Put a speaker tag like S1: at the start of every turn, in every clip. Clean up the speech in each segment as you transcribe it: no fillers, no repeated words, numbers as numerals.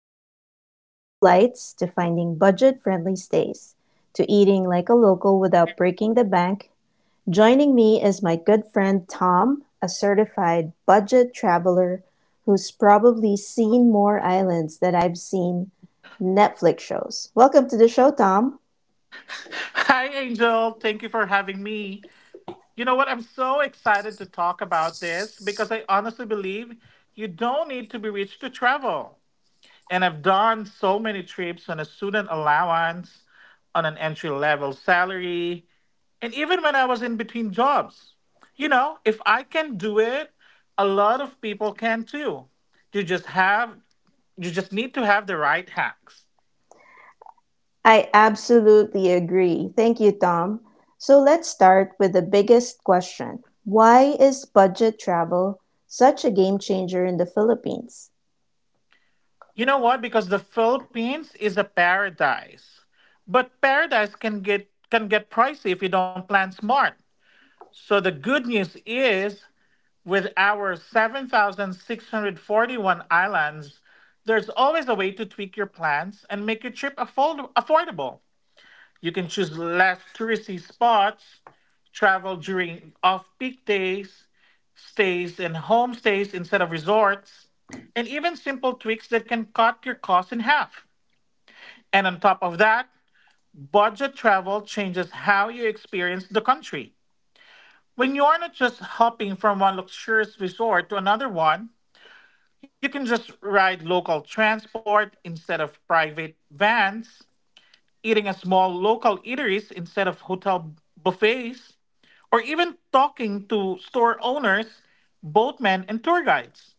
S1: from scoring cheap flights to finding budget friendly stays to eating like a local without breaking the bank. Joining me is my good friend Tom, a certified budget traveler who's probably seen more islands than I've seen Netflix shows. Welcome to the show, Tom.
S2: Hi, Angel. Thank you for having me. You know what? I'm so excited to talk about this because I honestly believe you don't need to be rich to travel. And I've done so many trips on a student allowance, on an entry level salary, and even when I was in between jobs. You know, if I can do it, a lot of people can too. You just have you just need to have the right hacks.
S1: I absolutely agree. Thank you, Tom. So let's start with the biggest question: why is budget travel such a game changer in the Philippines?
S2: You know what? Because the Philippines is a paradise. But paradise can get pricey if you don't plan smart. So the good news is, with our 7,641 islands, there's always a way to tweak your plans and make your trip affordable. You can choose less touristy spots, travel during off-peak days, stays and homestays instead of resorts, and even simple tweaks that can cut your costs in half. And on top of that, budget travel changes how you experience the country. When you're not just hopping from one luxurious resort to another one, you can just ride local transport instead of private vans, eating at small local eateries instead of hotel buffets, or even talking to store owners, boatmen, and tour guides.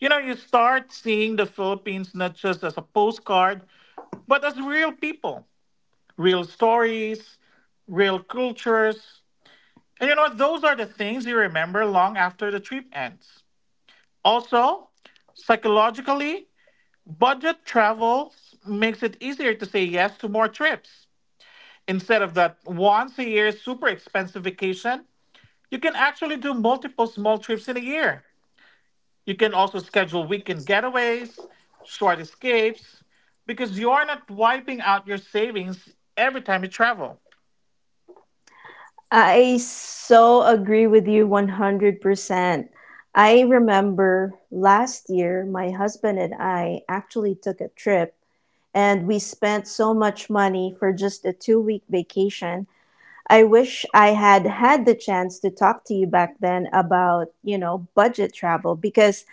S2: You know, you start seeing the Philippines not just as a postcard, but as real people, real stories, real cultures. And you know what? Those are the things you remember long after the trip ends. Also, psychologically, budget travel makes it easier to say yes to more trips. Instead of that once a year super expensive vacation, you can actually do multiple small trips in a year. You can also schedule weekend getaways, short escapes, because you're not wiping out your savings every time you travel.
S1: I so agree with you 100%. I remember last year, my husband and I actually took a trip and we spent so much money for just a 2 week vacation. I wish I had had the chance to talk to you back then about, you know, budget travel because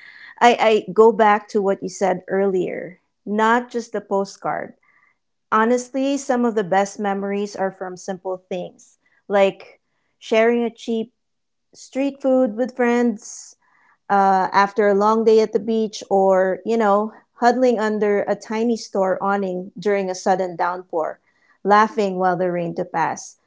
S1: I go back to what you said earlier, not just the postcard. Honestly, some of the best memories are from simple things like sharing a cheap street food with friends after a long day at the beach, or, you know, huddling under a tiny store awning during a sudden downpour, laughing while the rain to pass.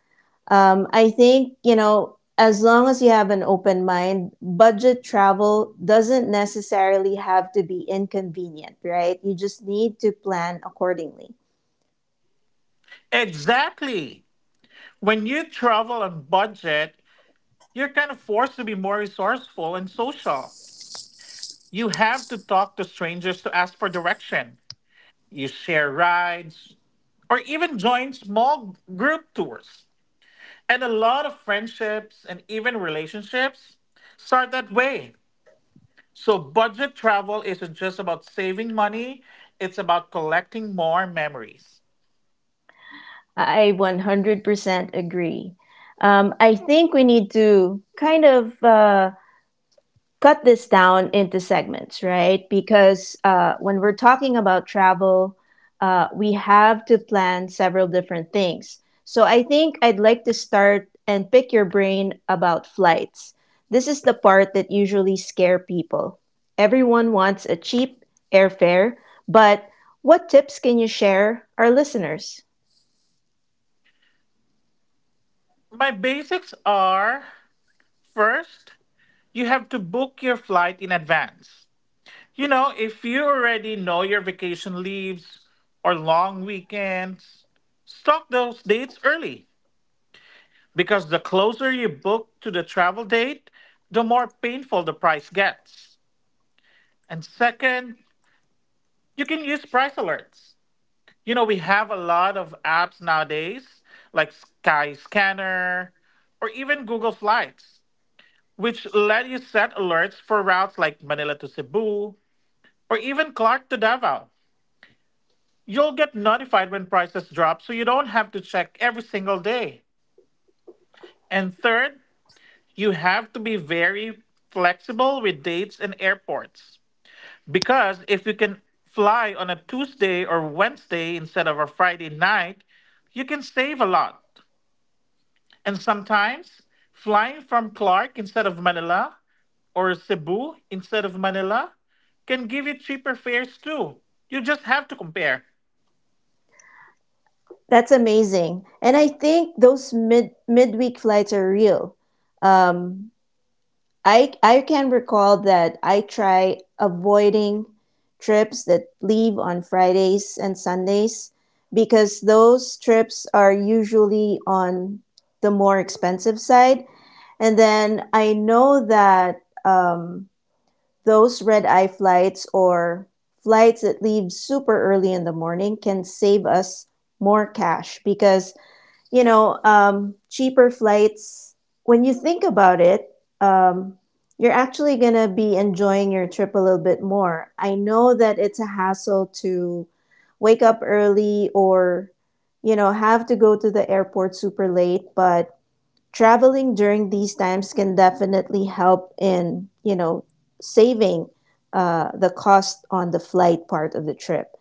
S1: I think, you know, as long as you have an open mind, budget travel doesn't necessarily have to be inconvenient, right? You just need to plan accordingly.
S2: Exactly. When you travel on budget, you're kind of forced to be more resourceful and social. You have to talk to strangers to ask for direction. You share rides or even join small group tours. And a lot of friendships and even relationships start that way. So, budget travel isn't just about saving money, it's about collecting more memories.
S1: I 100% agree. I think we need to kind of cut this down into segments, right? Because when we're talking about travel, we have to plan several different things. So I think I'd like to start and pick your brain about flights. This is the part that usually scare people. Everyone wants a cheap airfare, but what tips can you share our listeners?
S2: My basics are, first, you have to book your flight in advance. You know, if you already know your vacation leaves or long weekends, stock those dates early because the closer you book to the travel date, the more painful the price gets. And second, you can use price alerts. You know, we have a lot of apps nowadays like Skyscanner or even Google Flights, which let you set alerts for routes like Manila to Cebu or even Clark to Davao. You'll get notified when prices drop so you don't have to check every single day. And third, you have to be very flexible with dates and airports. Because if you can fly on a Tuesday or Wednesday instead of a Friday night, you can save a lot. And sometimes flying from Clark instead of Manila or Cebu instead of Manila can give you cheaper fares too. You just have to compare.
S1: That's amazing. And I think those midweek flights are real. Um, I can recall that I try avoiding trips that leave on Fridays and Sundays because those trips are usually on the more expensive side. And then I know that um, those red eye flights or flights that leave super early in the morning can save us more cash because cheaper flights, when you think about it, um, you're actually going to be enjoying your trip a little bit more. I know that it's a hassle to wake up early or, you know, have to go to the airport super late, but traveling during these times can definitely help in, you know, saving the cost on the flight part of the trip.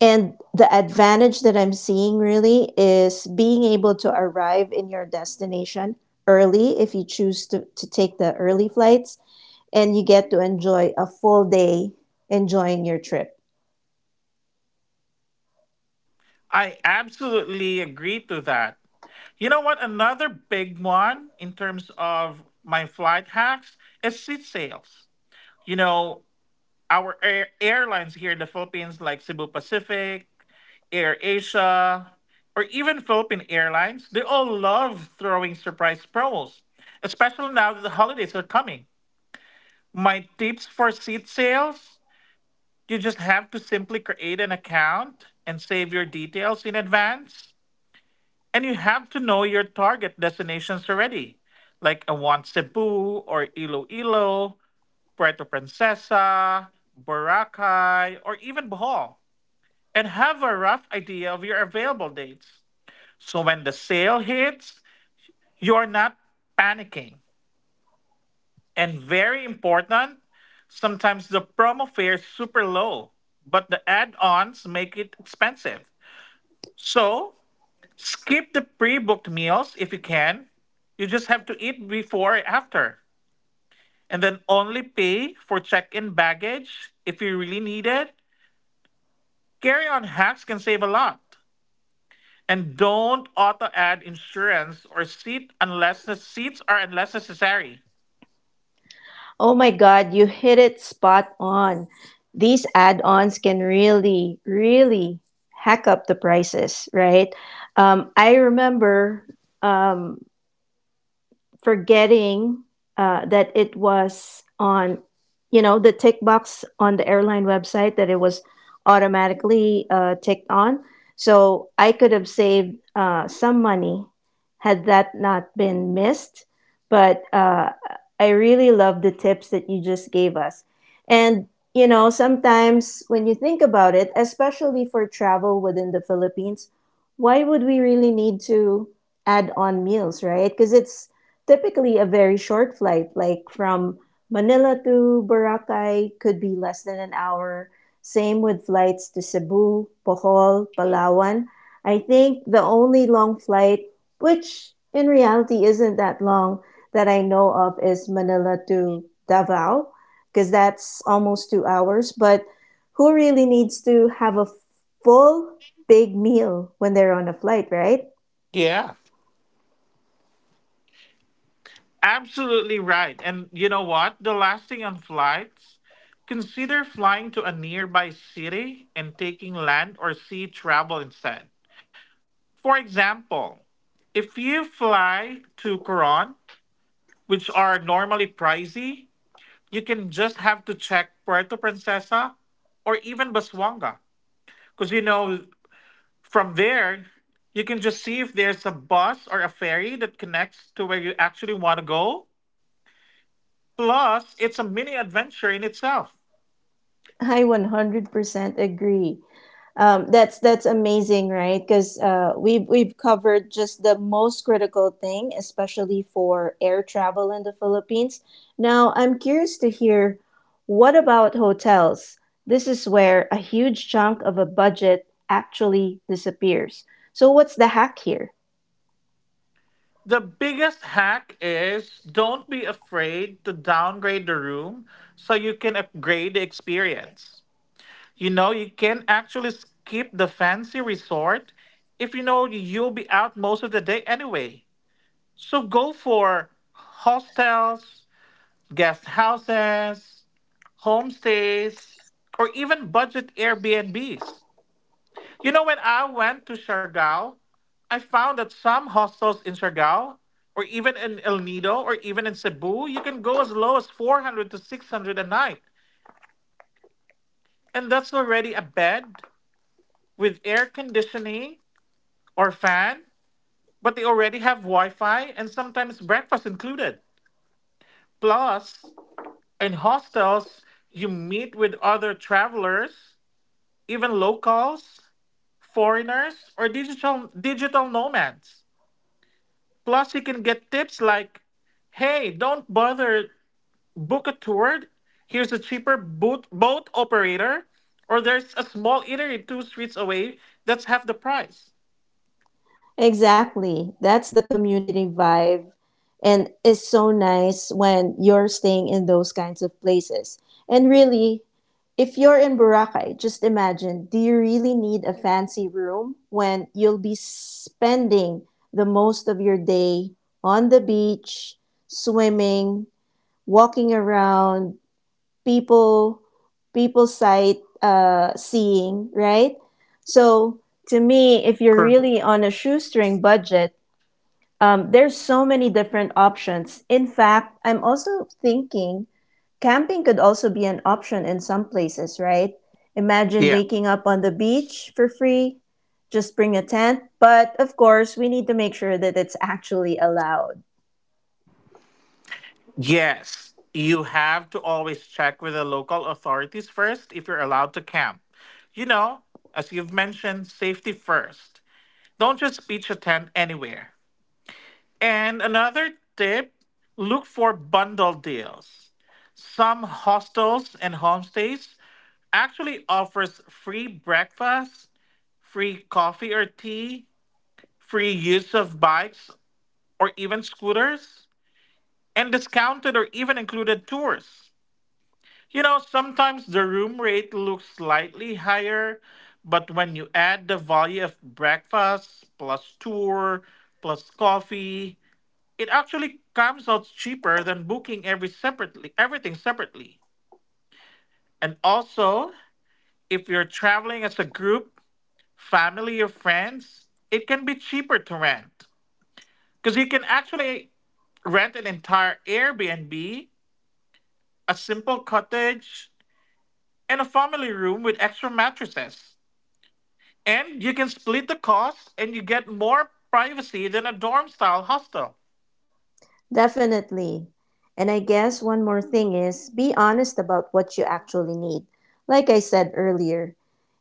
S1: And the advantage that I'm seeing really is being able to arrive in your destination early if you choose to take the early flights, and you get to enjoy a full day enjoying your trip.
S2: I absolutely agree to that. You know what? Another big one in terms of my flight hacks is seat sales. You know, our airlines here in the Philippines, like Cebu Pacific, Air Asia, or even Philippine Airlines, they all love throwing surprise promos, especially now that the holidays are coming. My tips for seat sales: you just have to simply create an account and save your details in advance. And you have to know your target destinations already. Like I want Cebu or Iloilo, Puerto Princesa, Boracay, or even Bohol. And have a rough idea of your available dates. So when the sale hits, you're not panicking. And very important, sometimes the promo fare is super low, but the add ons make it expensive. So skip the pre-booked meals if you can. You just have to eat before and after. And then only pay for check-in baggage if you really need it. Carry-on hacks can save a lot. And don't auto-add insurance or seat unless the seats are unless necessary.
S1: Oh my God, you hit it spot on. These add ons can really, really hack up the prices, right? Um, I remember um, forgetting uh, that it was on, you know, the tick box on the airline website that it was automatically ticked on. So I could have saved some money had that not been missed. But I really love the tips that you just gave us. And, you know, sometimes when you think about it, especially for travel within the Philippines, why would we really need to add on meals, right? Because it's typically a very short flight, like from Manila to Boracay, could be less than an hour. Same with flights to Cebu, Bohol, Palawan. I think the only long flight, which in reality isn't that long, that I know of is Manila to Davao, because that's almost 2 hours. But who really needs to have a full big meal when they're on a flight, right?
S2: Yeah. Absolutely right. And you know what? The last thing on flights, consider flying to a nearby city and taking land or sea travel instead. For example, if you fly to Coron, which are normally pricey, you can just have to check Puerto Princesa or even Baswanga. Because, you know, from there, you can just see if there's a bus or a ferry that connects to where you actually want to go. Plus, it's a mini adventure in itself.
S1: I 100% agree. That's amazing, right? Because we've covered just the most critical thing, especially for air travel in the Philippines. Now, I'm curious to hear, what about hotels? This is where a huge chunk of a budget actually disappears. So, what's the hack here?
S2: The biggest hack is, don't be afraid to downgrade the room so you can upgrade the experience. You know, you can actually skip the fancy resort if you know you'll be out most of the day anyway. So go for hostels, guest houses, homestays, or even budget Airbnbs. You know, when I went to Siargao, I found that some hostels in Siargao, or even in El Nido, or even in Cebu, you can go as low as 400 to 600 a night. And that's already a bed with air conditioning or fan, but they already have Wi Fi and sometimes breakfast included. Plus, in hostels, you meet with other travelers, even locals, foreigners, or digital nomads. Plus, you can get tips like, hey, don't bother, book a tour. Here's a cheaper boat operator, or there's a small eatery two streets away that's half the price.
S1: Exactly. That's the community vibe. And it's so nice when you're staying in those kinds of places. And really, if you're in Boracay, just imagine, do you really need a fancy room when you'll be spending the most of your day on the beach, swimming, walking around, people people sight seeing, right? So to me, if you're
S2: Correct.
S1: really on a shoestring budget, there's so many different options. In fact, I'm also thinking camping could also be an option in some places, right? Imagine
S2: Yeah.
S1: waking up on the beach for free. Just bring a tent, but of course, we need to make sure that it's actually allowed.
S2: Yes, you have to always check with the local authorities first if you're allowed to camp. You know, as you've mentioned, safety first. Don't just pitch a tent anywhere. And another tip: look for bundle deals. Some hostels and homestays actually offers free breakfast, free coffee or tea, free use of bikes or even scooters, and discounted or even included tours. You know, sometimes the room rate looks slightly higher, but when you add the value of breakfast plus tour plus coffee, it actually comes out cheaper than booking every separately everything separately. And also, if you're traveling as a group, family or friends, it can be cheaper to rent because you can actually rent an entire Airbnb, a simple cottage, and a family room with extra mattresses. And you can split the cost and you get more privacy than a dorm style hostel.
S1: Definitely. And I guess one more thing is be honest about what you actually need. Like I said earlier,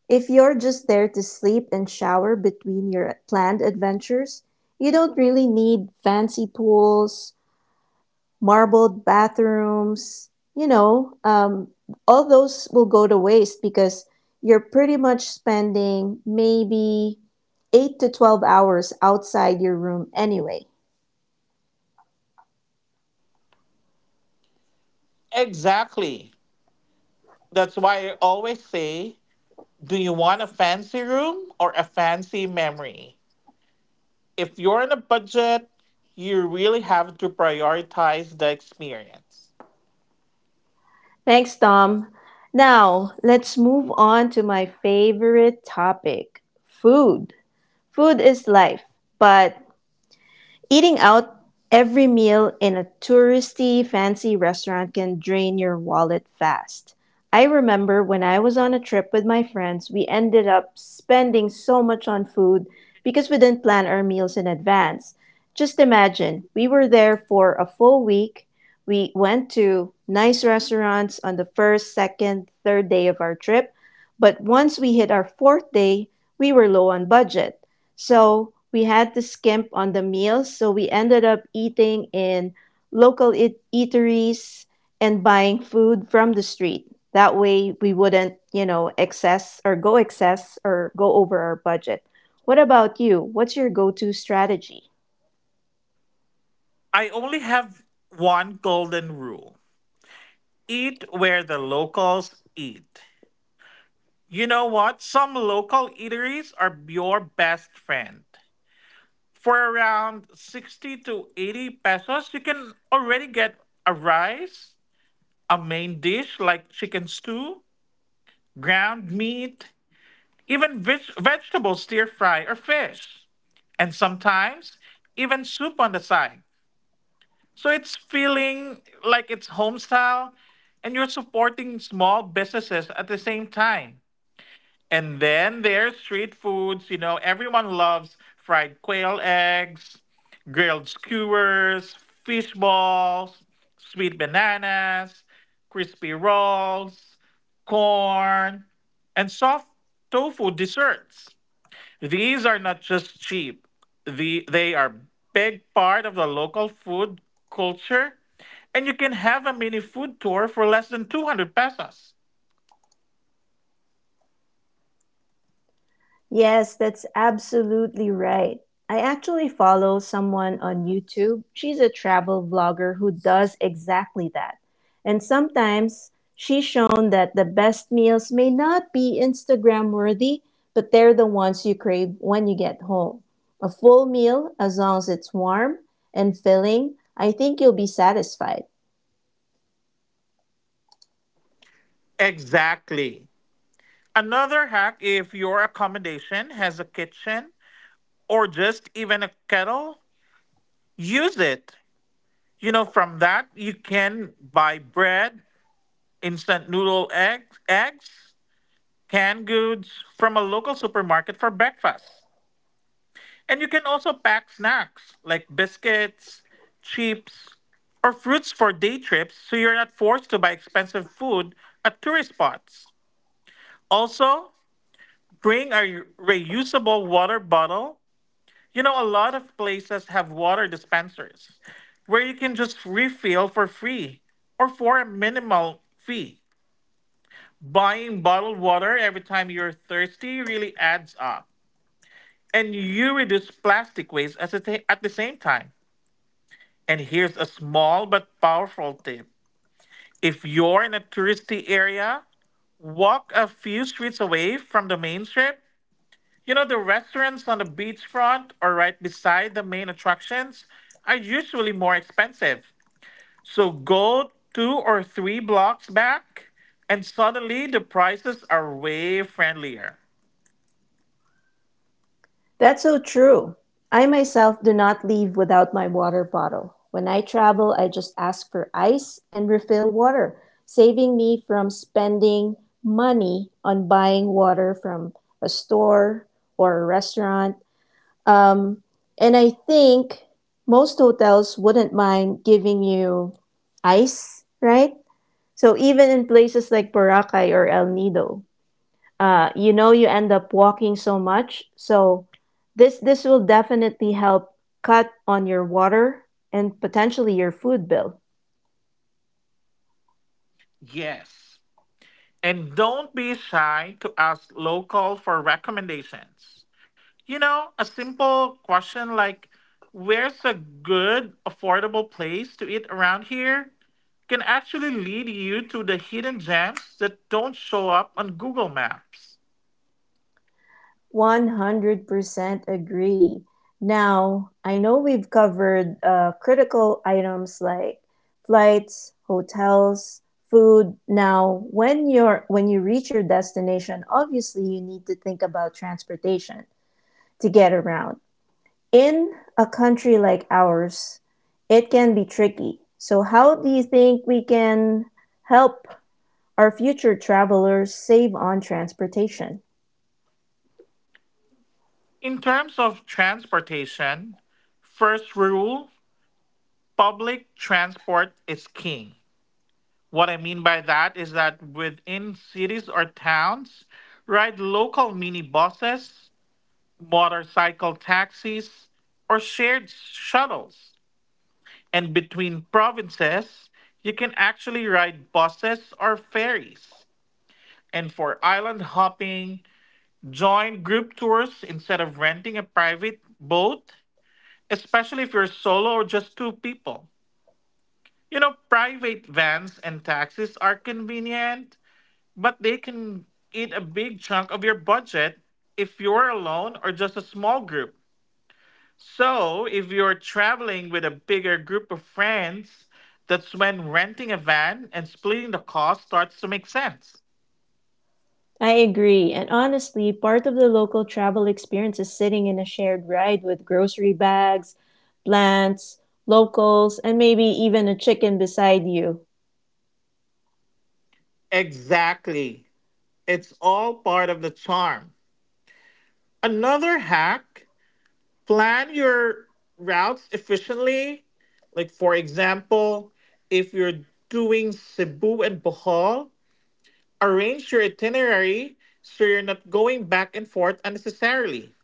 S1: if you're just there to sleep and shower between your planned adventures, you don't really need fancy pools, marbled bathrooms, you know, um, all those will go to waste because you're pretty much spending maybe 8 to 12 hours outside your room anyway.
S2: Exactly. That's why I always say, do you want a fancy room or a fancy memory? If you're on a budget, you really have to prioritize the experience.
S1: Thanks, Tom. Now, let's move on to my favorite topic: food. Food is life, but eating out every meal in a touristy fancy restaurant can drain your wallet fast. I remember when I was on a trip with my friends, we ended up spending so much on food because we didn't plan our meals in advance. Just imagine, we were there for a full week. We went to nice restaurants on the first, second, third day of our trip, but once we hit our fourth day, we were low on budget. So we had to skimp on the meals. So we ended up eating in local eateries and buying food from the street. That way we wouldn't, you know, excess or go over our budget. What about you? What's your go to strategy?
S2: I only have one golden rule: eat where the locals eat. You know what? Some local eateries are your best friend. For around 60 to 80 pesos, you can already get a rice, a main dish like chicken stew, ground meat, even vegetable stir fry or fish, and sometimes even soup on the side. So it's feeling like it's home style and you're supporting small businesses at the same time. And then there's street foods. You know, everyone loves fried quail eggs, grilled skewers, fish balls, sweet bananas, crispy rolls, corn, and soft tofu desserts. These are not just cheap. They are big part of the local food culture, and you can have a mini food tour for less than 200 pesos.
S1: Yes, that's absolutely right. I actually follow someone on YouTube. She's a travel vlogger who does exactly that. And sometimes she's shown that the best meals may not be Instagram worthy, but they're the ones you crave when you get home. A full meal, as long as it's warm and filling, I think you'll be satisfied.
S2: Exactly. Another hack: if your accommodation has a kitchen or just even a kettle, use it. You know, from that you can buy bread, instant noodle eggs, canned goods from a local supermarket for breakfast. And you can also pack snacks like biscuits, chips, or fruits for day trips so you're not forced to buy expensive food at tourist spots. Also, bring a reusable water bottle. You know, a lot of places have water dispensers where you can just refill for free or for a minimal fee. Buying bottled water every time you're thirsty really adds up. And you reduce plastic waste at the same time. And here's a small but powerful tip: if you're in a touristy area, walk a few streets away from the main strip. You know, the restaurants on the beachfront or right beside the main attractions are usually more expensive. So go two or three blocks back, and suddenly the prices are way friendlier.
S1: That's so true. I myself do not leave without my water bottle. When I travel, I just ask for ice and refill water, saving me from spending money on buying water from a store or a restaurant. Um, and I think most hotels wouldn't mind giving you ice, right? So even in places like Boracay or El Nido, you know you end up walking so much, so this will definitely help cut on your water and potentially your food bill.
S2: Yes. And don't be shy to ask local for recommendations. You know, a simple question like, where's a good, affordable place to eat around here, can actually lead you to the hidden gems that don't show up on Google Maps.
S1: 100% agree. Now, I know we've covered critical items like flights, hotels, food. Now, when you reach your destination, obviously you need to think about transportation to get around. In a country like ours, it can be tricky. So, how do you think we can help our future travelers save on transportation?
S2: In terms of transportation, first rule: public transport is king. What I mean by that is that within cities or towns, ride local minibuses, motorcycle taxis, or shared shuttles. And between provinces, you can actually ride buses or ferries. And for island hopping, join group tours instead of renting a private boat, especially if you're solo or just two people. You know, private vans and taxis are convenient, but they can eat a big chunk of your budget if you're alone or just a small group. So, if you're traveling with a bigger group of friends, that's when renting a van and splitting the cost starts to make sense.
S1: I agree. And honestly, part of the local travel experience is sitting in a shared ride with grocery bags, plants, locals, and maybe even a chicken beside you.
S2: Exactly. It's all part of the charm. Another hack, plan your routes efficiently. Like, for example, if you're doing Cebu and Bohol, arrange your itinerary so you're not going back and forth unnecessarily,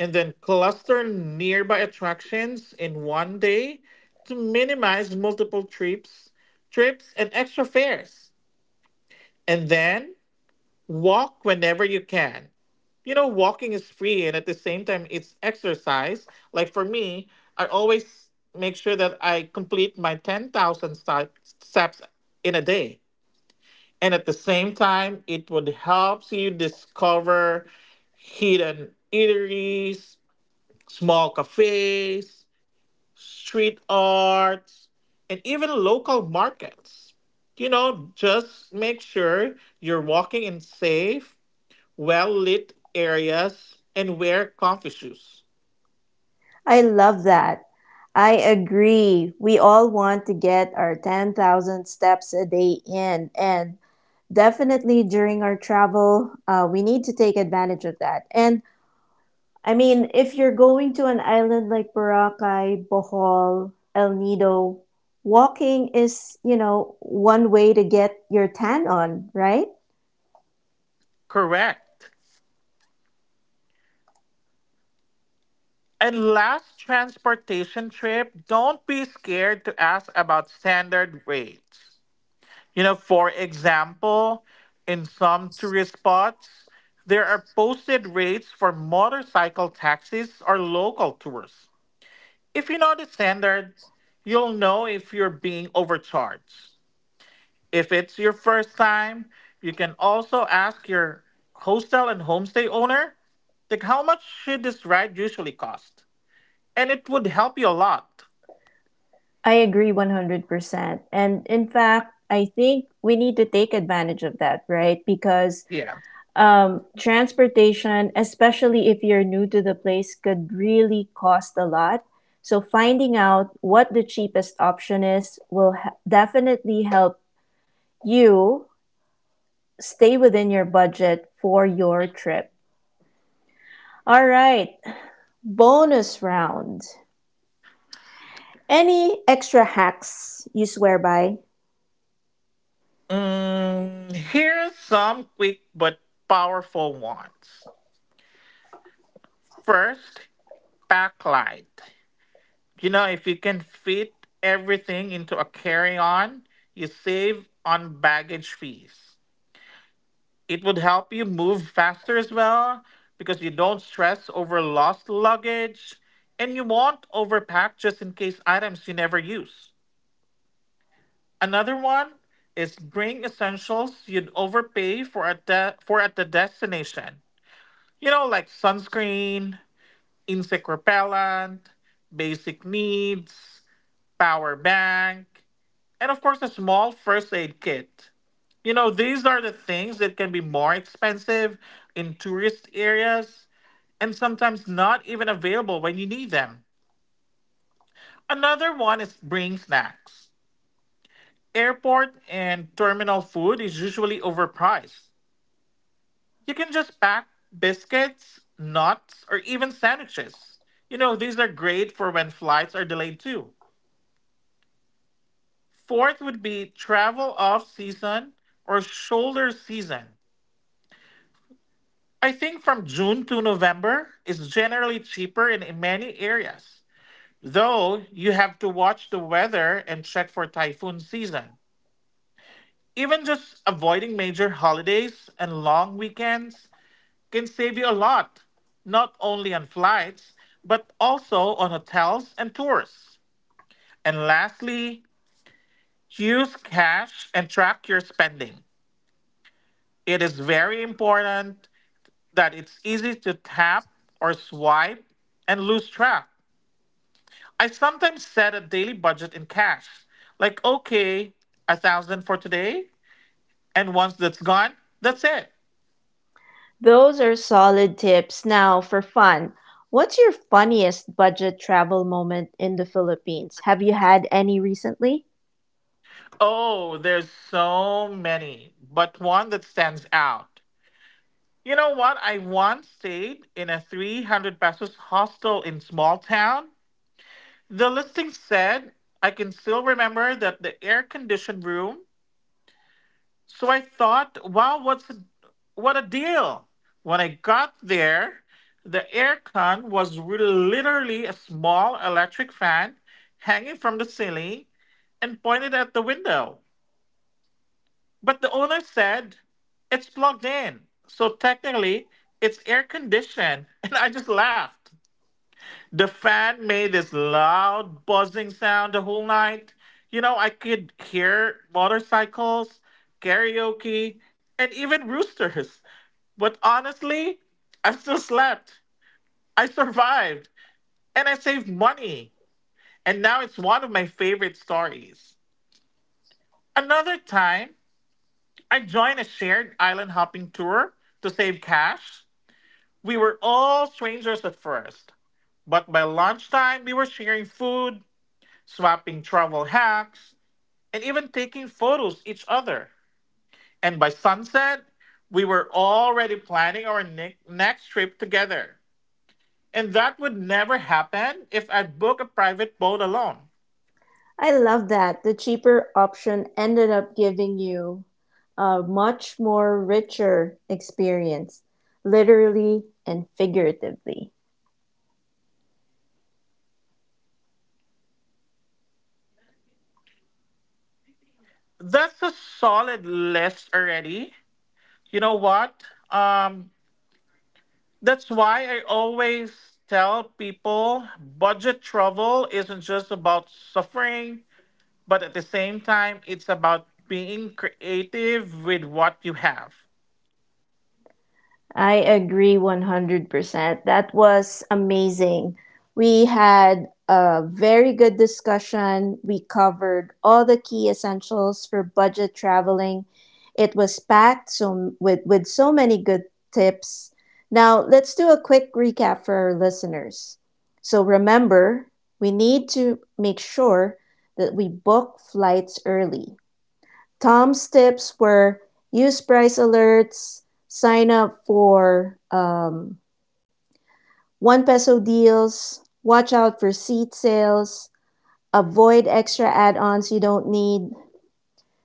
S2: and then cluster nearby attractions in one day to minimize multiple trips, and extra fares. And then walk whenever you can. You know, walking is free and at the same time it's exercise. Like for me, I always make sure that I complete my 10,000 steps in a day. And at the same time, it would help you discover hidden eateries, small cafes, street arts, and even local markets. You know, just make sure you're walking in safe, well lit areas and wear comfy shoes.
S1: I love that. I agree. We all want to get our 10,000 steps a day in, and definitely during our travel we need to take advantage of that. And I mean, if you're going to an island like Boracay, Bohol, El Nido, walking is, you know, one way to get your tan on, right?
S2: Correct. And last transportation trip, don't be scared to ask about standard rates. You know, for example, in some tourist spots, there are posted rates for motorcycle taxis or local tours. If you know the standard, you'll know if you're being overcharged. If it's your first time, you can also ask your hostel and homestay owner, like, how much should this ride usually cost? And it would help you a lot.
S1: I agree 100%, and in fact I think we need to take advantage of that, right? Because
S2: Yeah.
S1: transportation, especially if you're new to the place, could really cost a lot. So finding out what the cheapest option is will definitely help you stay within your budget for your trip. All right, bonus round. Any extra hacks you swear by?
S2: Mm, here's some quick but powerful ones. First, backlight. You know, if you can fit everything into a carry on, you save on baggage fees. It would help you move faster as well because you don't stress over lost luggage and you won't overpack just in case items you never use. Another one is bring essentials you'd overpay for at the destination. You know, like sunscreen, insect repellent, basic needs, power bank, and of course a small first aid kit. You know, these are the things that can be more expensive in tourist areas and sometimes not even available when you need them. Another one is bring snacks. Airport and terminal food is usually overpriced. You can just pack biscuits, nuts, or even sandwiches. You know, these are great for when flights are delayed too. Fourth would be travel off season or shoulder season. I think from June to November is generally cheaper in many areas, though you have to watch the weather and check for typhoon season. Even just avoiding major holidays and long weekends can save you a lot, not only on flights, but also on hotels and tours. And lastly, use cash and track your spending. It is very important that it's easy to tap or swipe and lose track. I sometimes set a daily budget in cash. Like, okay, 1,000 for today. And once that's gone, that's it.
S1: Those are solid tips. Now, for fun, what's your funniest budget travel moment in the Philippines? Have you had any recently?
S2: Oh, there's so many, but one that stands out. You know what? I once stayed in a 300 pesos hostel in small town. The listing said, I can still remember that, the air conditioned room. So I thought, wow, what a deal. When I got there, the aircon was really literally a small electric fan hanging from the ceiling and pointed at the window. But the owner said it's plugged in. So technically, it's air conditioned, and I just laughed. The fan made this loud buzzing sound the whole night. You know, I could hear motorcycles, karaoke, and even roosters. But honestly, I still slept. I survived, and I saved money. And now it's one of my favorite stories. Another time, I joined a shared island hopping tour to save cash. We were all strangers at first, but by lunchtime, we were sharing food, swapping travel hacks, and even taking photos each other. And by sunset, we were already planning our next trip together. And that would never happen if I'd book a private boat alone.
S1: I love that. The cheaper option ended up giving you a much more richer experience, literally and figuratively.
S2: That's a solid list already. You know what? Um, that's why I always tell people budget travel isn't just about suffering, but at the same time, it's about being creative with what you have.
S1: I agree 100%. That was amazing. We had a very good discussion. We covered all the key essentials for budget traveling. It was packed so, with so many good tips. Now, let's do a quick recap for our listeners. So, remember, we need to make sure that we book flights early. Tom's tips were: use price alerts, sign up for one peso deals, watch out for seat sales, avoid extra add ons you don't need,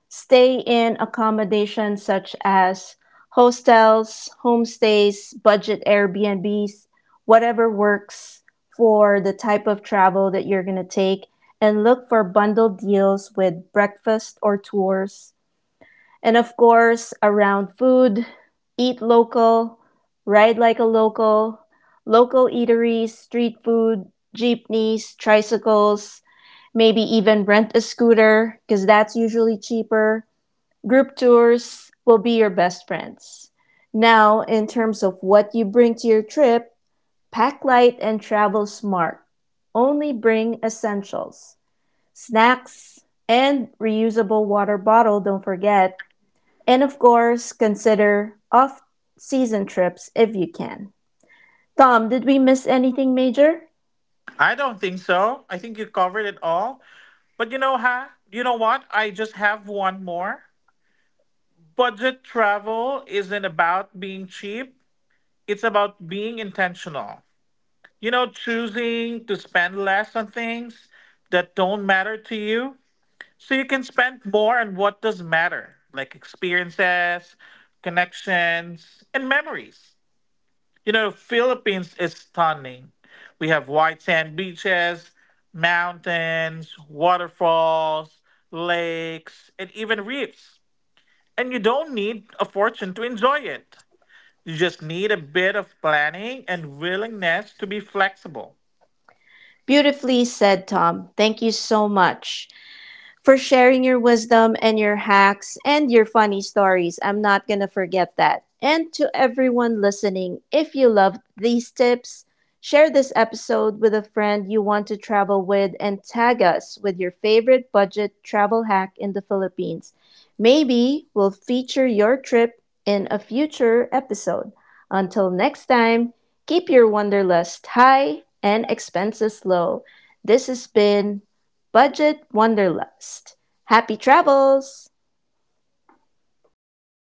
S1: stay in accommodations such as hostels, homestays, budget Airbnbs, whatever works for the type of travel that you're going to take, and look for bundled deals with breakfast or tours. And of course, around food, eat local, ride like a local, local eateries, street food, jeepneys, tricycles, maybe even rent a scooter because that's usually cheaper. Group tours will be your best friends. Now, in terms of what you bring to your trip, pack light and travel smart. Only bring essentials, snacks, and reusable water bottle, don't forget. And of course, consider off season trips if you can. Tom, did we miss anything major?
S2: I don't think so. I think you covered it all. But you know, You know what? I just have one more. Budget travel isn't about being cheap, it's about being intentional. You know, choosing to spend less on things that don't matter to you so you can spend more on what does matter, like experiences, connections, and memories. You know, Philippines is stunning. We have white sand beaches, mountains, waterfalls, lakes, and even reefs. And you don't need a fortune to enjoy it. You just need a bit of planning and willingness to be flexible.
S1: Beautifully said, Tom. Thank you so much for sharing your wisdom and your hacks and your funny stories. I'm not going to forget that. And to everyone listening, if you love these tips, share this episode with a friend you want to travel with and tag us with your favorite budget travel hack in the Philippines. Maybe we'll feature your trip in a future episode. Until next time, keep your wanderlust high and expenses low. This has been Budget Wanderlust. Happy travels!